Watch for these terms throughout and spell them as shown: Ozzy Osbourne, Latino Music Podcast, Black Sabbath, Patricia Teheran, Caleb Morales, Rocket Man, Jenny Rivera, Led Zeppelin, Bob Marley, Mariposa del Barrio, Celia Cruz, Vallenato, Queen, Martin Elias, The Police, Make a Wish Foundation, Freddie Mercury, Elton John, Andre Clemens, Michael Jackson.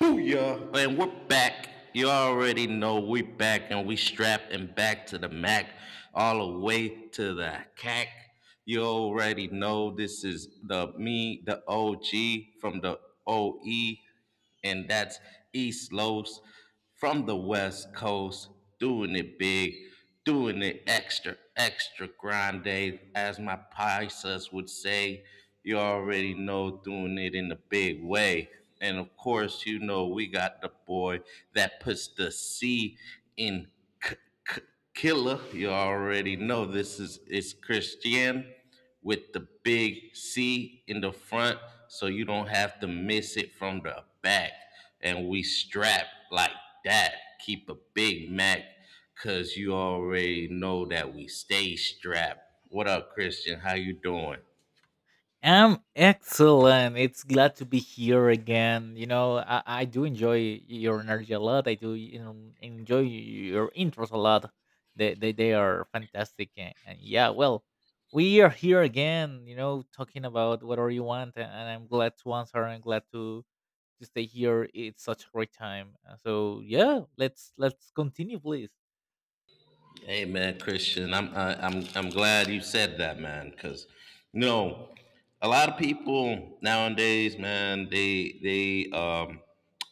Booyah! And we're back. You already know we back and we strapped and back to the Mac, all the way to the CAC. You already know this is the me, the OG from the OE, and that's East Los from the West Coast, doing it big, doing it extra, extra grande, as my Pisces would say. You already know, doing it in a big way. And of course, you know, we got the boy that puts the C in k- k- killer. You already know this is it's Christian with the big C in the front so you don't have to miss it from the back. And we strap like that. Keep a Big Mac because you already know that we stay strapped. What up, Christian? How you doing? I'm excellent. It's glad to be here again. You know, I do enjoy your energy a lot. I do enjoy your intros a lot. They are fantastic. And yeah, well, we are here again, you know, talking about whatever you want. And I'm glad to answer. I'm glad to stay here. It's such a great time. So yeah, let's continue, please. Hey man, Christian, I'm I, I'm glad you said that, man, because you know a lot of people nowadays, man, they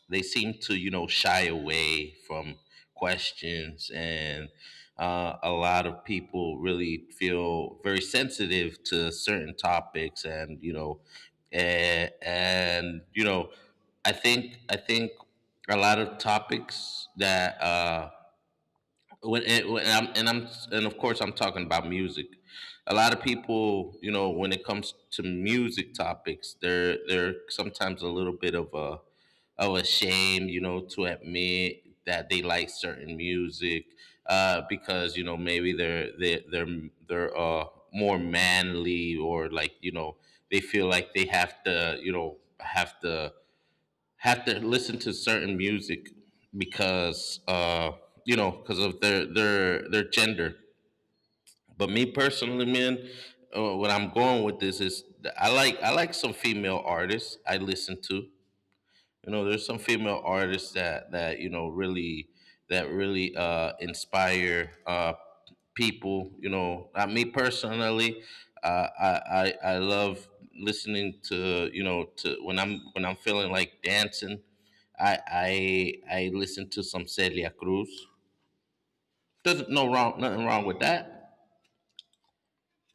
they seem to, you know, shy away from questions, and a lot of people really feel very sensitive to certain topics, and you know, and you know, I think a lot of topics that. When, it, when I'm and of course I'm talking about music. A lot of people, you know, when it comes to music topics, they're sometimes a little bit of a shame, you know, to admit that they like certain music, because you know maybe they're they are they they're, more manly or like, you know, they feel like they have to listen to certain music because you know because of their gender. But me personally, man, what I'm going with this is I like, I like some female artists I listen to. You know, there's some female artists that you know really that really, inspire, people. You know, me personally, uh, I, I love listening, to you know, to when I'm feeling like dancing. I listen to some Celia Cruz. Doesn't no wrong, nothing wrong with that.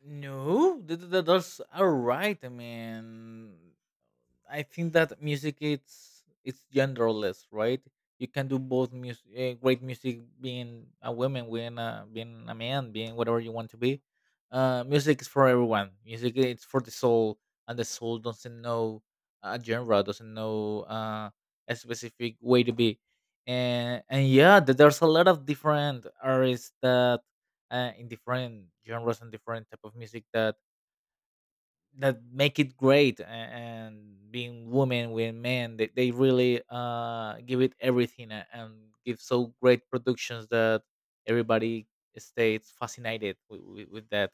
No, that's all right. I mean, I think that music it's genderless, right? You can do both music, great music, being a woman, being a man, being whatever you want to be. Music is for everyone. Music it's for the soul, and the soul doesn't know a genre, doesn't know a specific way to be. And yeah, there's a lot of different artists that in different genres and different type of music that make it great and being women with men they really give it everything and give so great productions that everybody stays fascinated with that.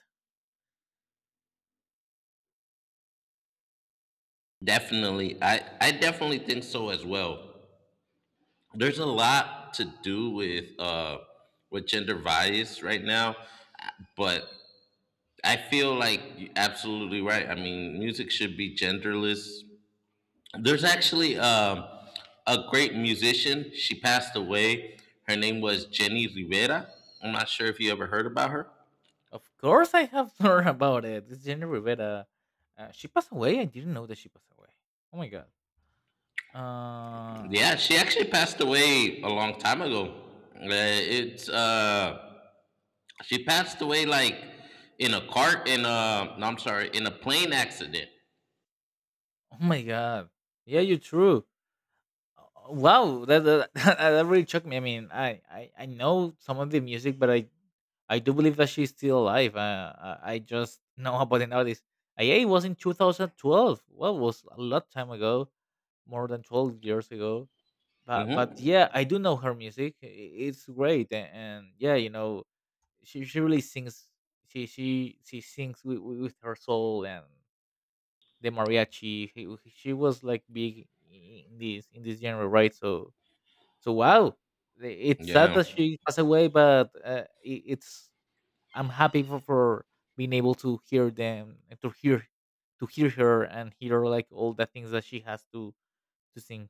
Definitely, I definitely think so as well. There's a lot to do with gender bias right now, but I feel like you're absolutely right. I mean, music should be genderless. There's actually a great musician, she passed away. Her name was Jenny Rivera. I'm not sure if you ever heard about her. Of course I have learned about it. It's Jenny Rivera. She passed away. I didn't know that she passed away. Oh my god. uh Yeah, she actually passed away a long time ago. It's she passed away like in a cart in a no, I'm sorry, in a plane accident. oh my god. Yeah, you're true. Wow, that that really shocked me. I mean, I know some of the music, but I do believe that she's still alive. I just know about an artist. IA was in 2012. Well, was a lot time ago, more than 12 years ago. But Hmm. yeah, I do know her music. It's great, and yeah, you know, she really sings. She sings with her soul and the mariachi. She was like big in this genre, right? So wow, it's sad Yeah, that she passed away, but it, it's I'm happy for being able to hear them and to hear her and hear like all the things that she has to sing.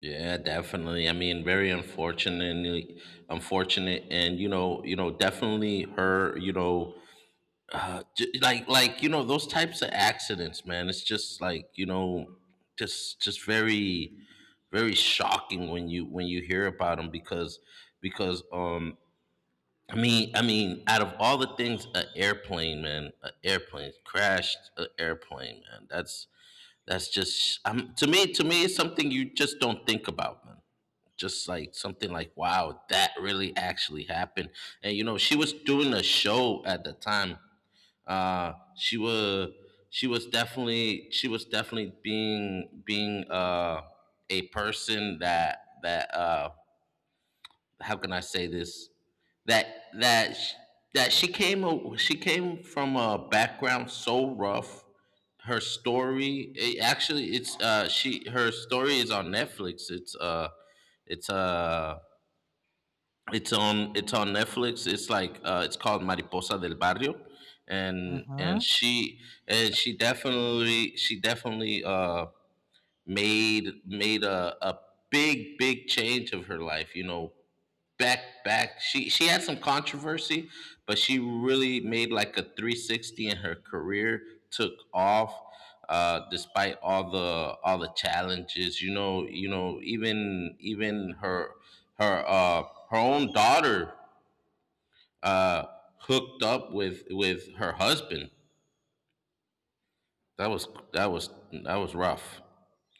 yeah, definitely. I mean, very unfortunately, unfortunate, and you know, definitely her. You know, like, you know, those types of accidents, man. It's just like, you know, just very, very shocking when you hear about them because, I mean, out of all the things, an airplane, man, an airplane crashed, an airplane, man. That's just to me. To me, it's something you just don't think about, man. Just like something like, wow, that really actually happened. And you know, she was doing a show at the time. She was, she was definitely being, being a person that how can I say this, that that sh- she came, she came from a background so rough. Her story, it actually it's she her story is on Netflix. It's uh it's on Netflix. It's like, it's called Mariposa del Barrio, and Mhm. she, and she definitely, made, made a big, big change of her life. You know, back she had some controversy, but she really made like a 360 in her career, took off, despite all the challenges. You know, you know, even, even her, her, her own daughter, uh hooked up with her husband. That was that was rough.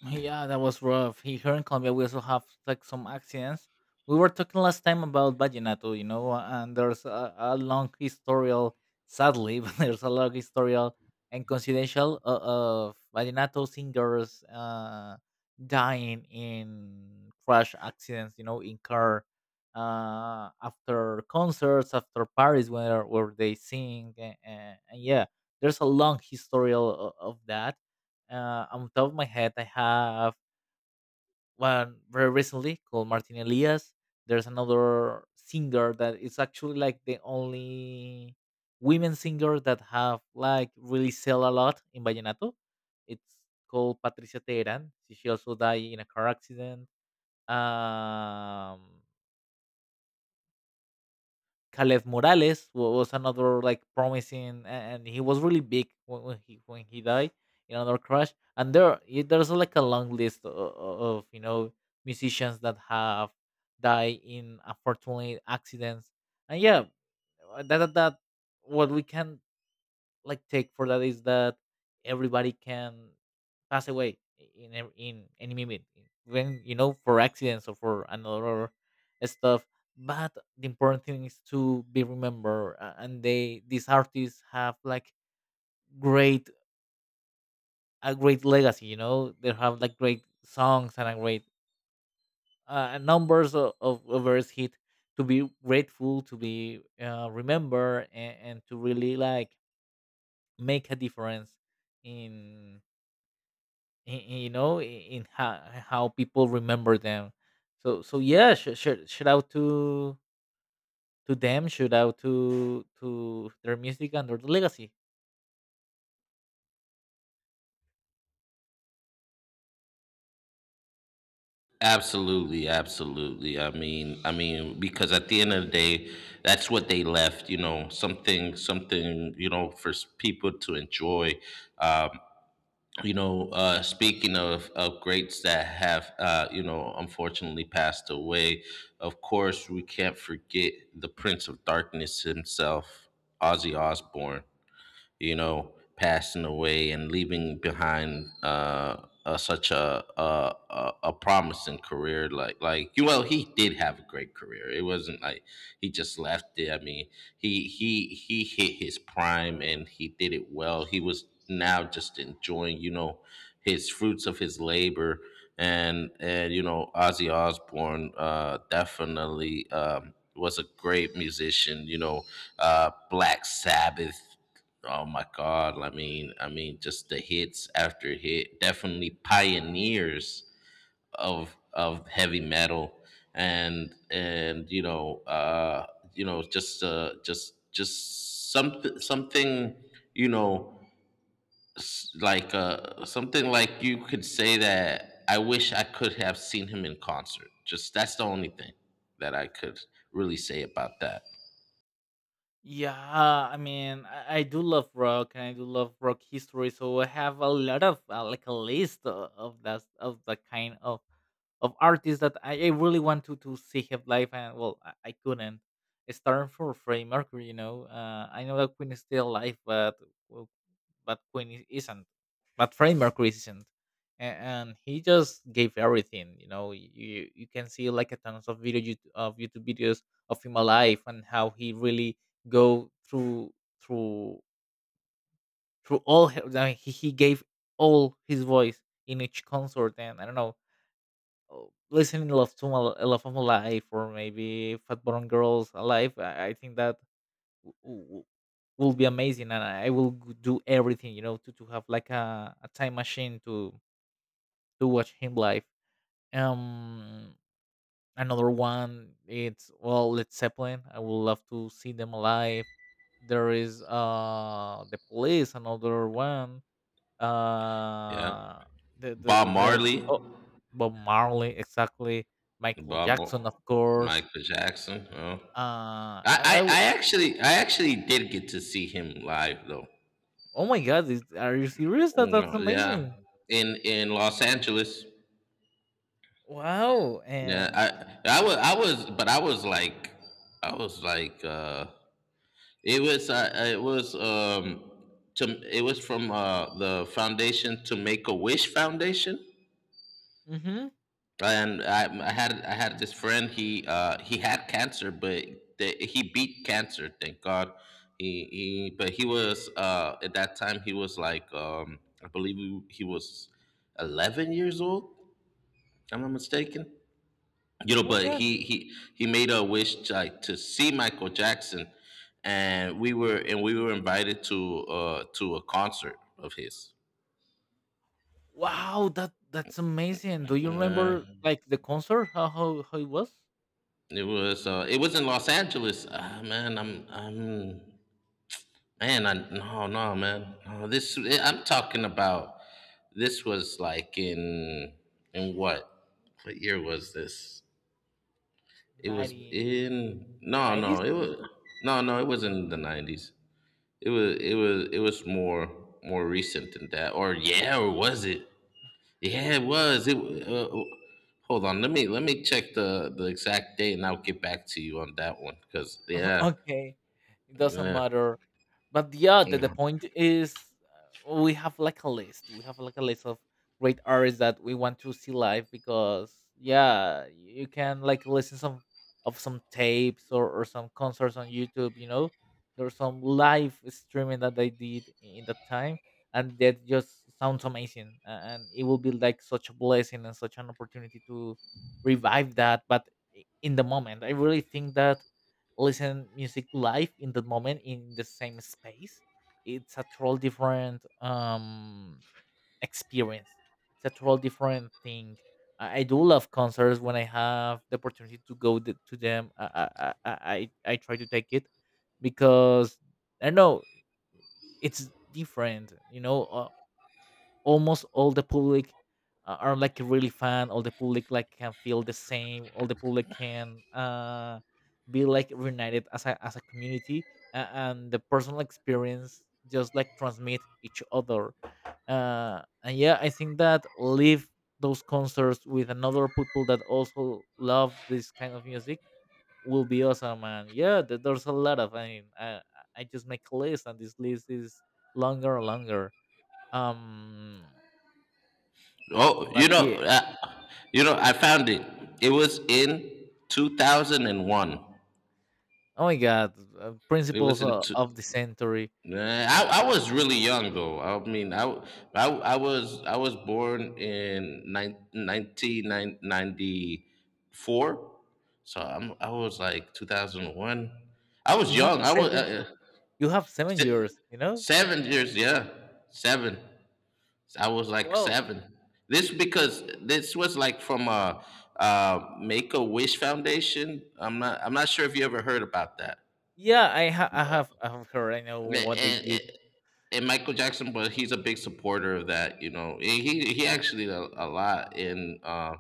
Yeah, that was rough. Here in Colombia, we also have like some accidents. We were talking last time about vallenato, you know, and there's a long historial, sadly, but there's a long historial and confidential of vallenato singers dying in crash accidents, you know, in car, after concerts, after parties where they sing, and yeah, there's a long historial of that. On top of my head, I have one very recently called Martin Elias. There's another singer that is actually like the only women singer that have like really sell a lot in vallenato. It's called Patricia Teheran. She also died in a car accident. Um, Caleb Morales was another like promising, and he was really big when he died in another crash. And there's like a long list of, you know, musicians that have died in unfortunate accidents. And yeah, that what we can like take for that is that everybody can pass away in any moment, when you know, for accidents or for another stuff, but the important thing is to be remembered, and they, these artists have like great a great legacy, you know, they have like great songs and a great numbers of various hit to be grateful to be remembered, and to really like make a difference in in, you know, how people remember them. So yeah, shout out to them, shout out to their music and their legacy. Absolutely, absolutely. I mean, because at the end of the day, that's what they left. You know, something, something, you know, for people to enjoy. Um, you know, speaking of greats that have, you know, unfortunately passed away. Of course, we can't forget the Prince of Darkness himself, Ozzy Osbourne, you know, passing away and leaving behind, such a, a promising career. Like, well, he did have a great career. It wasn't like he just left it. I mean, he hit his prime and he did it well. He was now just enjoying, you know, his fruits of his labor. And you know, Ozzy Osbourne, definitely, was a great musician. You know, Black Sabbath. Oh my God! I mean, just the hits after hit, definitely pioneers of heavy metal, and you know, just, something, you know, something like you could say that I wish I could have seen him in concert. Just that's the only thing that I could really say about that. Yeah, I mean, I do love rock, and I do love rock history, so I have a lot of, like a list of that, of the kind of artists that I really want to see have live, and well, I couldn't, starting for Freddie Mercury, you know. I know that Queen is still alive, but well, but Queen isn't, but Freddie Mercury isn't. And he just gave everything. You know, you can see like a tons of video YouTube, of YouTube videos of him alive, and how he really go through through all. He- I he gave all his voice in each concert, and I don't know. Oh, listening Love of My Life, or maybe Fat Bottom Girls Alive, I think that will be amazing, and I will do everything, you know, to have like a time machine to watch him live. um Another one, it's, well, Led Zeppelin, I would love to see them alive. There is the Police, another one. Yeah, Uh Bob the- there's Marley. Oh, Bob Marley, exactly. Michael Bob, Jackson, of Mo- course. Michael Jackson. Oh, uh i, I w- I actually did get to see him live though. oh my god, are you serious? Oh, That's well, yeah, amazing. In Los Angeles. Wow. Yeah, And... but I was like, it was, uh, it was, um, it was from, the foundation, to Make a Wish Foundation. Mhm. And I had this friend. He, he had cancer, but he beat cancer. Thank God. He but he was, at that time he was like, I believe he was 11 years old. If I'm not mistaken. You know, Oh my but god. he made a wish like to see Michael Jackson, and we were invited to, to a concert of his. Wow, that's amazing. Do you Uh, remember like the concert? How it was? It was in Los Angeles. Ah man, I'm man, I, no, no, man. No, I'm talking about. This was like in what? What year was this? It was 90? in, The no, 90s? no. It was, no, no. It wasn't in the 90s. It was, it was more, more recent than that. Or yeah, or was it? Yeah, it was. Hold on. Let me check the exact date, and I'll get back to you on that one. Cause yeah, Okay. It doesn't yeah. matter. But yeah, the Yeah. point is, we have like a list, we have like a list of great artists that we want to see live, because yeah, you can like listen some of some tapes, or some concerts on YouTube, you know. There's some live streaming that they did in that time, and that just sounds amazing, and it will be like such a blessing and such an opportunity to revive that. But in the moment, I really think that listen music live in that moment in the same space, it's a total different experience. It's a total different thing. I do love concerts. When I have the opportunity to go to them, I try to take it, because I don't know, it's different, you know. Almost all the public, are like really fan. All the public like can feel the same. All the public can be like reunited as a community. And the personal experience just like transmit each other. And yeah, I think that live those concerts with another people that also love this kind of music will be awesome. And yeah, there's a lot of. I mean, I just make a list, and this list is longer and longer. um Oh, but yeah. You know, I found it. It was in 2001. Oh my god, It principles was in two, of the century. I was really young though. I mean, I was born in 1994. So I'm, I was like 2001. I was You have young. I was seven. You have seven se- years. you know. 7 years, yeah. 7. I was like Well, seven. This, because this was like from a, Make a Wish Foundation. I'm not sure if you ever heard about that. yeah, I have heard. I know And, what they and did. and Michael Jackson, but he's a big supporter of that. You know, and he actually did a lot in. Uh,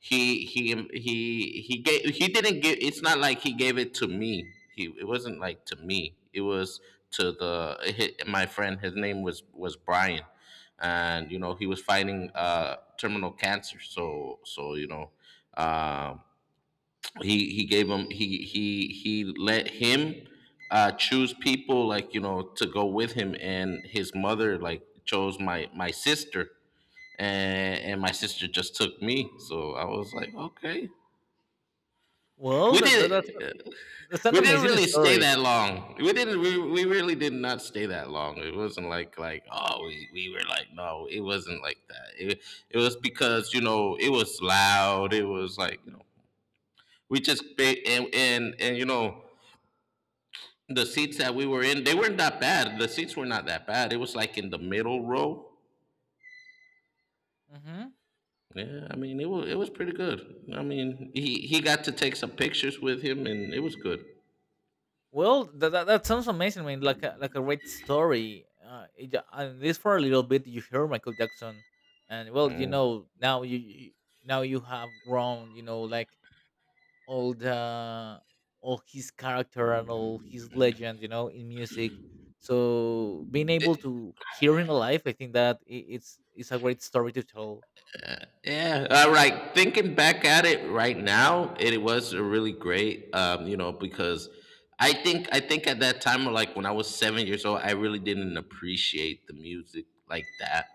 he he um, He gave, he didn't give. It's not like he gave it to me. He It wasn't like to me. It was to the hi my friend. His name was Brian, and you know, he was fighting, terminal cancer. So so you know. Um, he gave him, he let him, choose people, like, you know, to go with him, and his mother like chose my, my sister, and my sister just took me. So I was like, okay, Well, we didn't that's an we didn't amazing really stay story. that long. We really did not stay that long. It wasn't like, oh, we were like, no, it wasn't like that. It was because, you know, it was loud. It was like, you know, we just ba- and you know, the seats that we were in, they weren't that bad. The seats were not that bad. It was like in the middle row. Hmm. Yeah, I mean, it was pretty good. I mean, he got to take some pictures with him, and it was good. Well, that sounds amazing. I Like like a great story. At least for a little bit, you hear Michael Jackson, and, well, you Mm. know, now now you have grown. You know, like all the all his character and all his legend, you know, in music. So being able to hear him alive, I think that it's a great story to tell. Yeah, all right. Thinking back at it right now, it was a really great, you know, because I think at that time, like when I was 7 years old, I really didn't appreciate the music like that.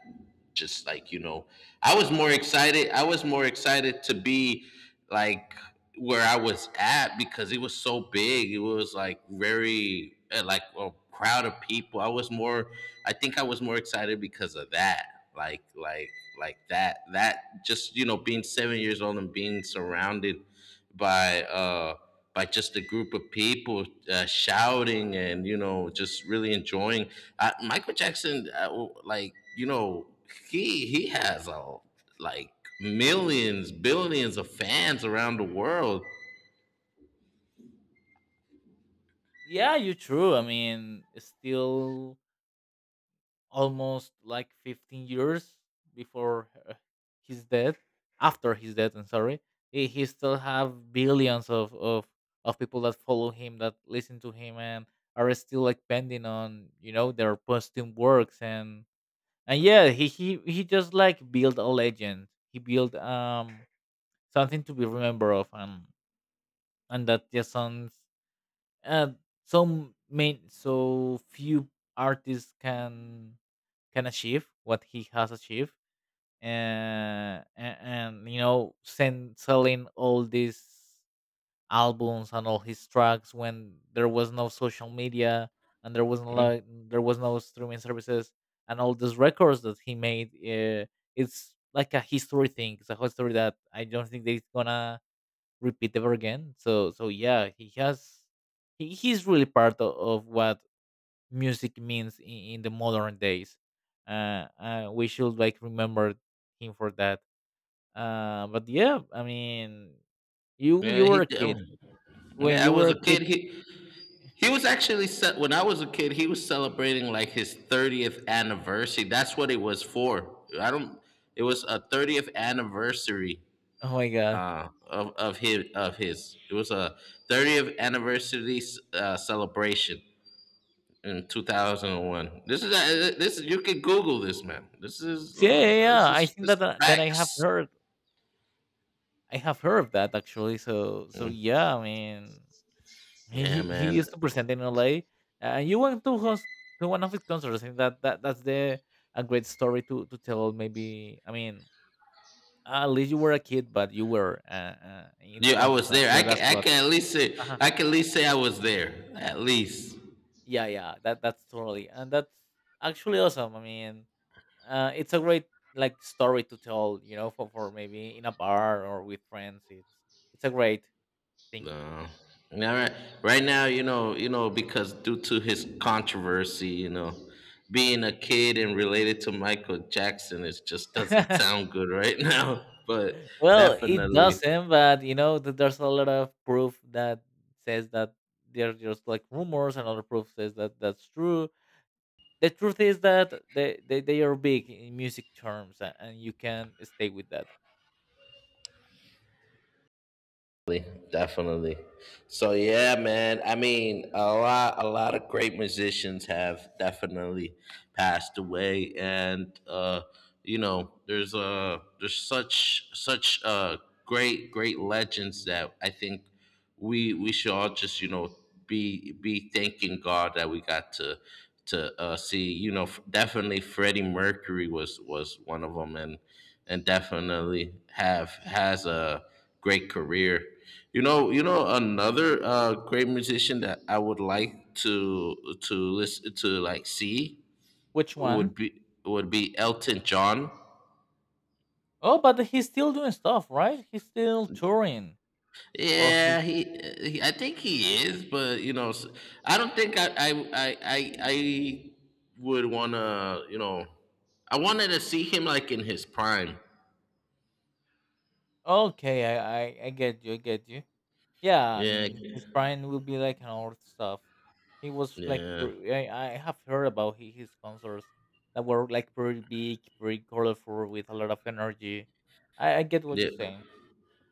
Just like, you know, I was more excited to be like where I was at because it was so big. It was like very, like a crowd of people. I was more. I think I was more excited because of that like like like that just being 7 years old and being surrounded by uh by just a group of people shouting and just really enjoying Michael Jackson, like you know he has a like millions, billions of fans around the world. Yeah, you're true. I mean, it's still almost like 15 years before, his death, after his death, I'm sorry. He still have billions of people that follow him, that listen to him, and are still like pending on, you know, their posting works. And yeah, he just like built a legend, he built, something to be remembered of. And that just sounds, uh so main, so few artists can achieve what he has achieved. And and, you know, send selling all these albums and all his tracks, when there was no social media, and there wasn't Mm. like there was no streaming services, and all those records that he made. It's like a history thing, it's a history that I don't think that it's gonna repeat ever again. So yeah, he has, he's really part of what music means in the modern days. We should like remember him for that. But yeah, I mean, you yeah were he a kid, when yeah I you were was a a kid kid. He was actually set when I was a kid. He was celebrating like his 30th anniversary. That's what it was for. I don't. It was a 30th anniversary Oh my god. Of his of his. It was a 30th anniversary celebration in 2001. This is You can Google this, man. So, yeah, yeah, yeah. I think This that, is I have facts. heard. I have heard of that, actually. So Mm. yeah, I mean, he he Yeah, he man. used to present in LA, and you went to host to one of his concerts. I think that's the a great story to tell. Maybe, I mean, at least you were a kid, but you were, in the Yeah, I concert. was there. That's a lot. Uh-huh. I can at least say I was there. At least. Yeah, yeah, that's totally, and that's actually awesome. I mean, it's a great, like, story to tell, you know, for maybe in a bar or with friends. It's a great thing. No. Now, right, right now, because due to his controversy, being a kid and related to Michael Jackson, it just doesn't sound good right now. But Well, it definitely, doesn't, but you know, there's a lot of proof that says that they're just like rumors, and other proof says that that's true. The truth is that they are big in music terms, and you can stay with that. definitely. So yeah, man. I mean, a lot of great musicians have definitely passed away, and there's such, such great, great legends that I think we should all just be thanking God that we got to to see. Definitely Freddie Mercury was one of them, and definitely have has a great career. You know, another great musician that I would like to listen to, like see, Which would one? be Elton John. Oh, but he's still doing stuff, right? He's still touring. Or he's Yeah, he, he I think he is, but I don't think I would want to, I wanted to see him like in his prime. Okay. I get you. I get you. Yeah, I Yeah. mean, his Brian will be like an old stuff. He was like Yeah. pre- I have heard about his concerts, that were like pretty big, pretty colorful, with a lot of energy. I get what you're Yeah. saying.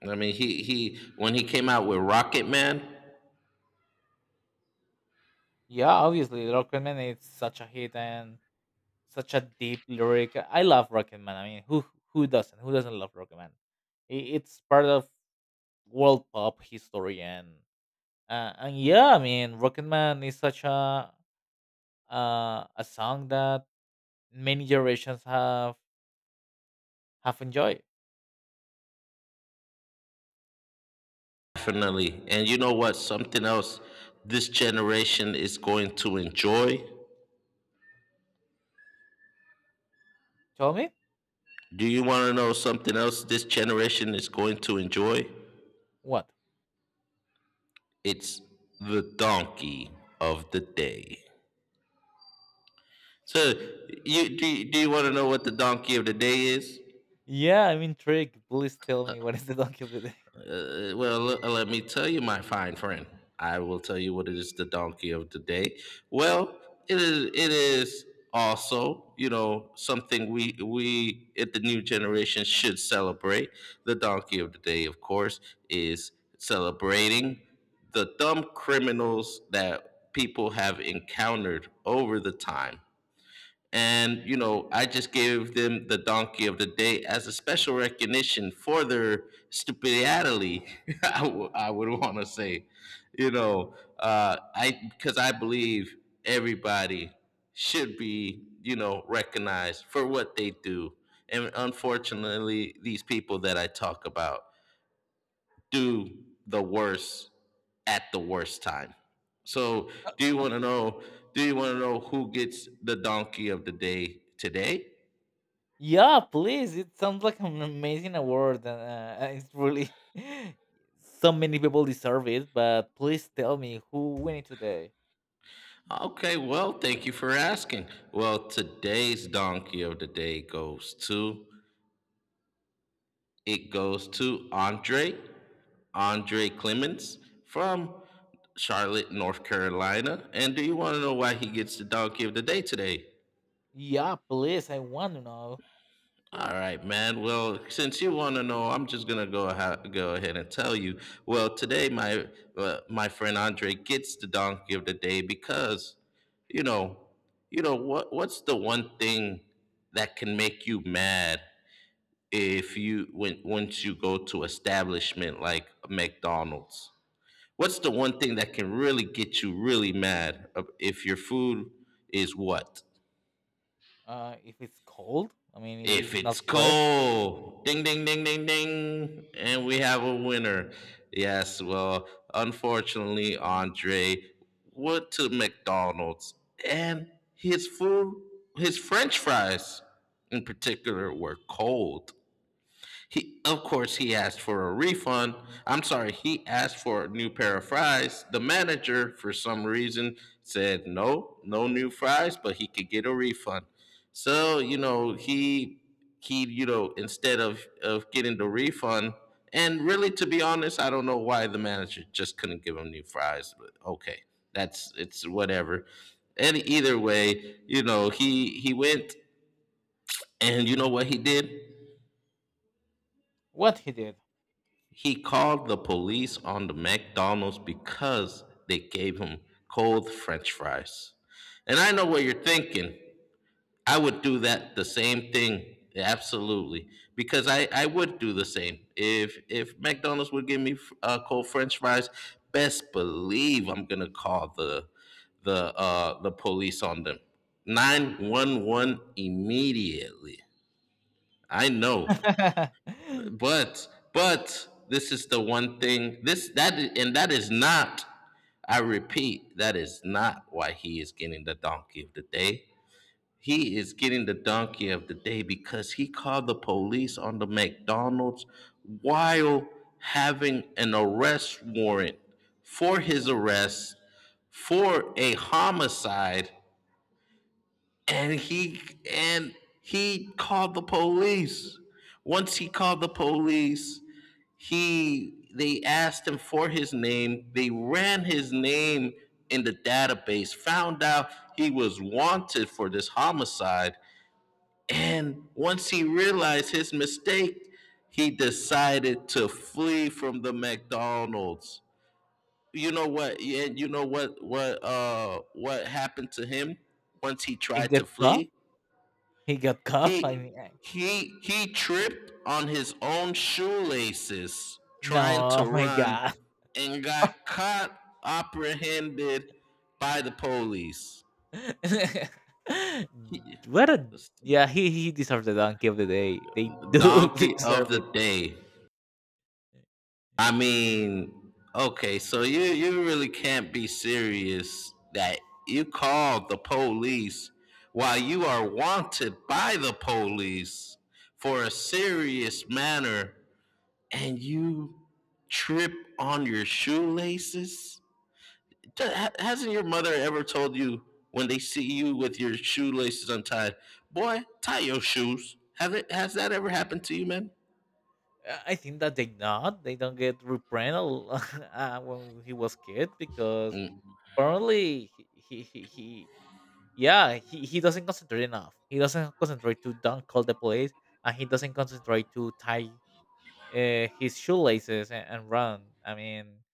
I mean, he when he came out with Rocket Man. Yeah, obviously, Rocket Man is such a hit and such a deep lyric. I love Rocket Man. I mean, who doesn't? Who doesn't love Rocket Man? It's part of world pop history, and yeah, I mean, Rocket Man is such a song that many generations have enjoyed. Definitely. And you know what? Something else this generation is going to enjoy. Tell me. Do you want to know something else this generation is going to enjoy? What? It's the donkey of the day. So, do you want to know what the donkey of the day is? Yeah, I'm intrigued. Please tell me what is the donkey of the day. Let me tell you, my fine friend. I will tell you what it is, the donkey of the day. Well, it is also, you know, something we at the new generation should celebrate. The donkey of the day, of course, is celebrating the dumb criminals that people have encountered over the time and, you know, I just gave them the donkey of the day as a special recognition for their stupidity, I would want to say. You know, I, because I believe everybody should be, you know, recognized for what they do. And unfortunately, these people that I talk about, do the worst at the worst time. So, do you want to know? Do you want to know who gets the donkey of the day today? Yeah, please. It sounds like an amazing award, and, it's really, so many people deserve it. But please tell me who win it today. Okay, well, thank you for asking. Well, today's donkey of the day goes to, Andre, Clemens from Charlotte, North Carolina. And do you want to know why he gets the donkey of the day today? Yeah, please, I want to know. All right, man. Well, since you want to know, I'm just gonna go ahead and tell you. Well, today my my friend Andre gets the donkey of the day because you know, what's the one thing that can make you mad if you when once you go to establishment like McDonald's? What's the one thing that can really get you really mad if your food is what? If it's cold, I mean, it If is not it's fresh. cold, ding, ding, ding, ding, ding, and we have a winner. Yes, well, unfortunately, Andre went to McDonald's, and his food, his French fries in particular, were cold. He asked for a refund. I'm sorry, he asked for a new pair of fries. The manager, for some reason, said no, no new fries, but he could get a refund. So you know, he, you know, instead of getting the refund, and really, to be honest, I don't know why the manager just couldn't give him new fries. But okay, that's it's whatever. And either way, you know, he went, and you know what he did? What he did. He called the police on the McDonald's because they gave him cold french fries. And I know what you're thinking. I would do that the same thing. Absolutely. Because I would do the same. If McDonald's would give me cold french fries, best believe I'm going to call the police on them. 911 immediately. I know. But but this is the one thing this that and that is not, I repeat, that is not why he is getting the donkey of the day. He is getting the donkey of the day because he called the police on the McDonald's while having an arrest warrant for his arrest for a homicide and he and he called the police. Once he called the police, he they asked him for his name, they ran his name in the database, found out he was wanted for this homicide, and once he realized his mistake he decided to flee from the McDonald's. You know what? Yeah You know what happened to him once he He tried to got cuffed? flee? He got cuffed? I he mean, I he tripped on his own shoelaces trying no. to Oh my run god. and got caught, apprehended by the police. What a... yeah, he deserves the donkey of the day. They do Donkey of deserve the it. day. I mean, okay, so you really can't be serious that you called the police while you are wanted by the police for a serious manner and you trip on your shoelaces? Hasn't your mother ever told you, when they see you with your shoelaces untied, boy, tie your shoes? Has that ever happened to you, man? I think that they not. They don't get reprimanded when he was kid, because Mm. apparently he yeah, he doesn't concentrate enough. He doesn't concentrate to don't call the plays, and he doesn't concentrate to tie, his shoelaces, and run. I mean,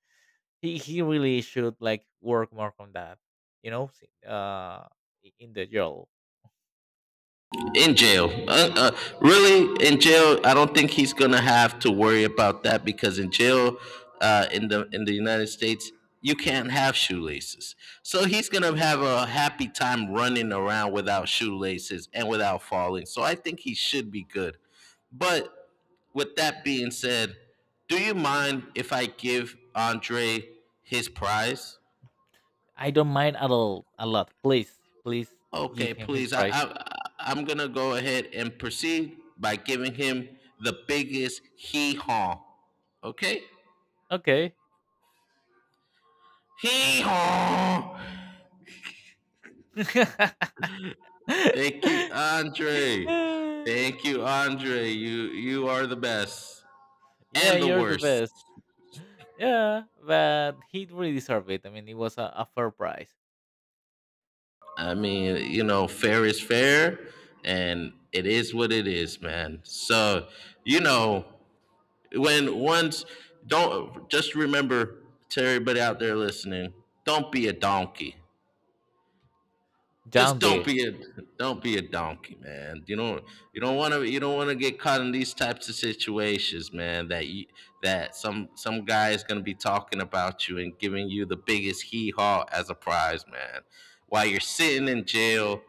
he really should like work more on that, you know. Uh in the jail. In jail. Really, in jail, I don't think he's gonna have to worry about that because in jail, in the United States, you can't have shoelaces. So he's gonna have a happy time running around without shoelaces and without falling. So I think he should be good. But with that being said, do you mind if I give Andre his prize? I don't mind at all, a lot, please, please. Give Okay, him his please. Prize. I'm gonna go ahead and proceed by giving him the biggest hee haw. Okay, Okay. hee haw. Thank you, Andre. Thank you, Andre. You are the best Yeah, and the you're the worst. best. Yeah, but he really deserved it. I mean, it was a fair price. I mean, you know, fair is fair, and it is what it is, man. So, you know, when once don't just remember, to everybody out there listening, don't be a donkey. Just John don't B. be a, don't be a donkey, man. You don't want to get caught in these types of situations, man. That some guy is gonna be talking about you and giving you the biggest hee haw as a prize, man. While you're sitting in jail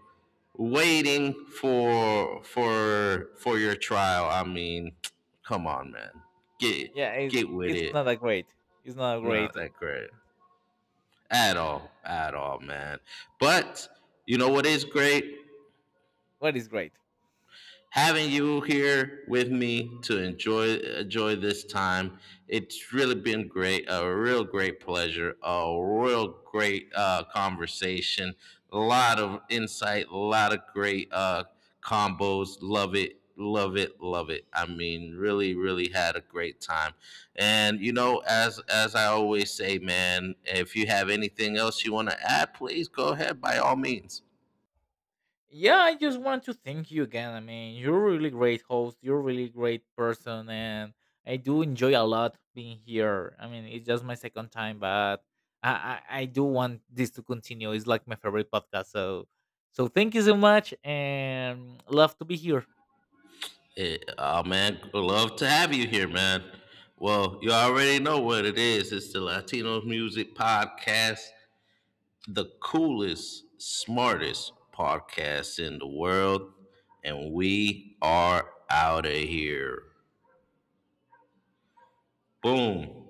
waiting for your trial. I mean, come on, man. Get Yeah, get with it's it. not a great, it's not a Not great that great at all, man. But you know what is great? what is great? Having you here with me to enjoy this time. It's really been great, a real great pleasure, a real great conversation, a lot of insight, a lot of great combos. Love it, love it, love it. I mean, really, really had a great time. And you know, as I always say, man, if you have anything else you want to add, please go ahead by all means. Yeah, I just want to thank you again. I mean, you're a really great host. You're a really great person, and I do enjoy a lot being here. I mean, it's just my second time, but I do want this to continue. It's like my favorite podcast. So thank you so much, and love to be here. Hey, oh man, love to have you here, man. Well, you already know what it is. It's the Latino Music Podcast, the coolest, smartest podcast in the world, and we are out of here. Boom.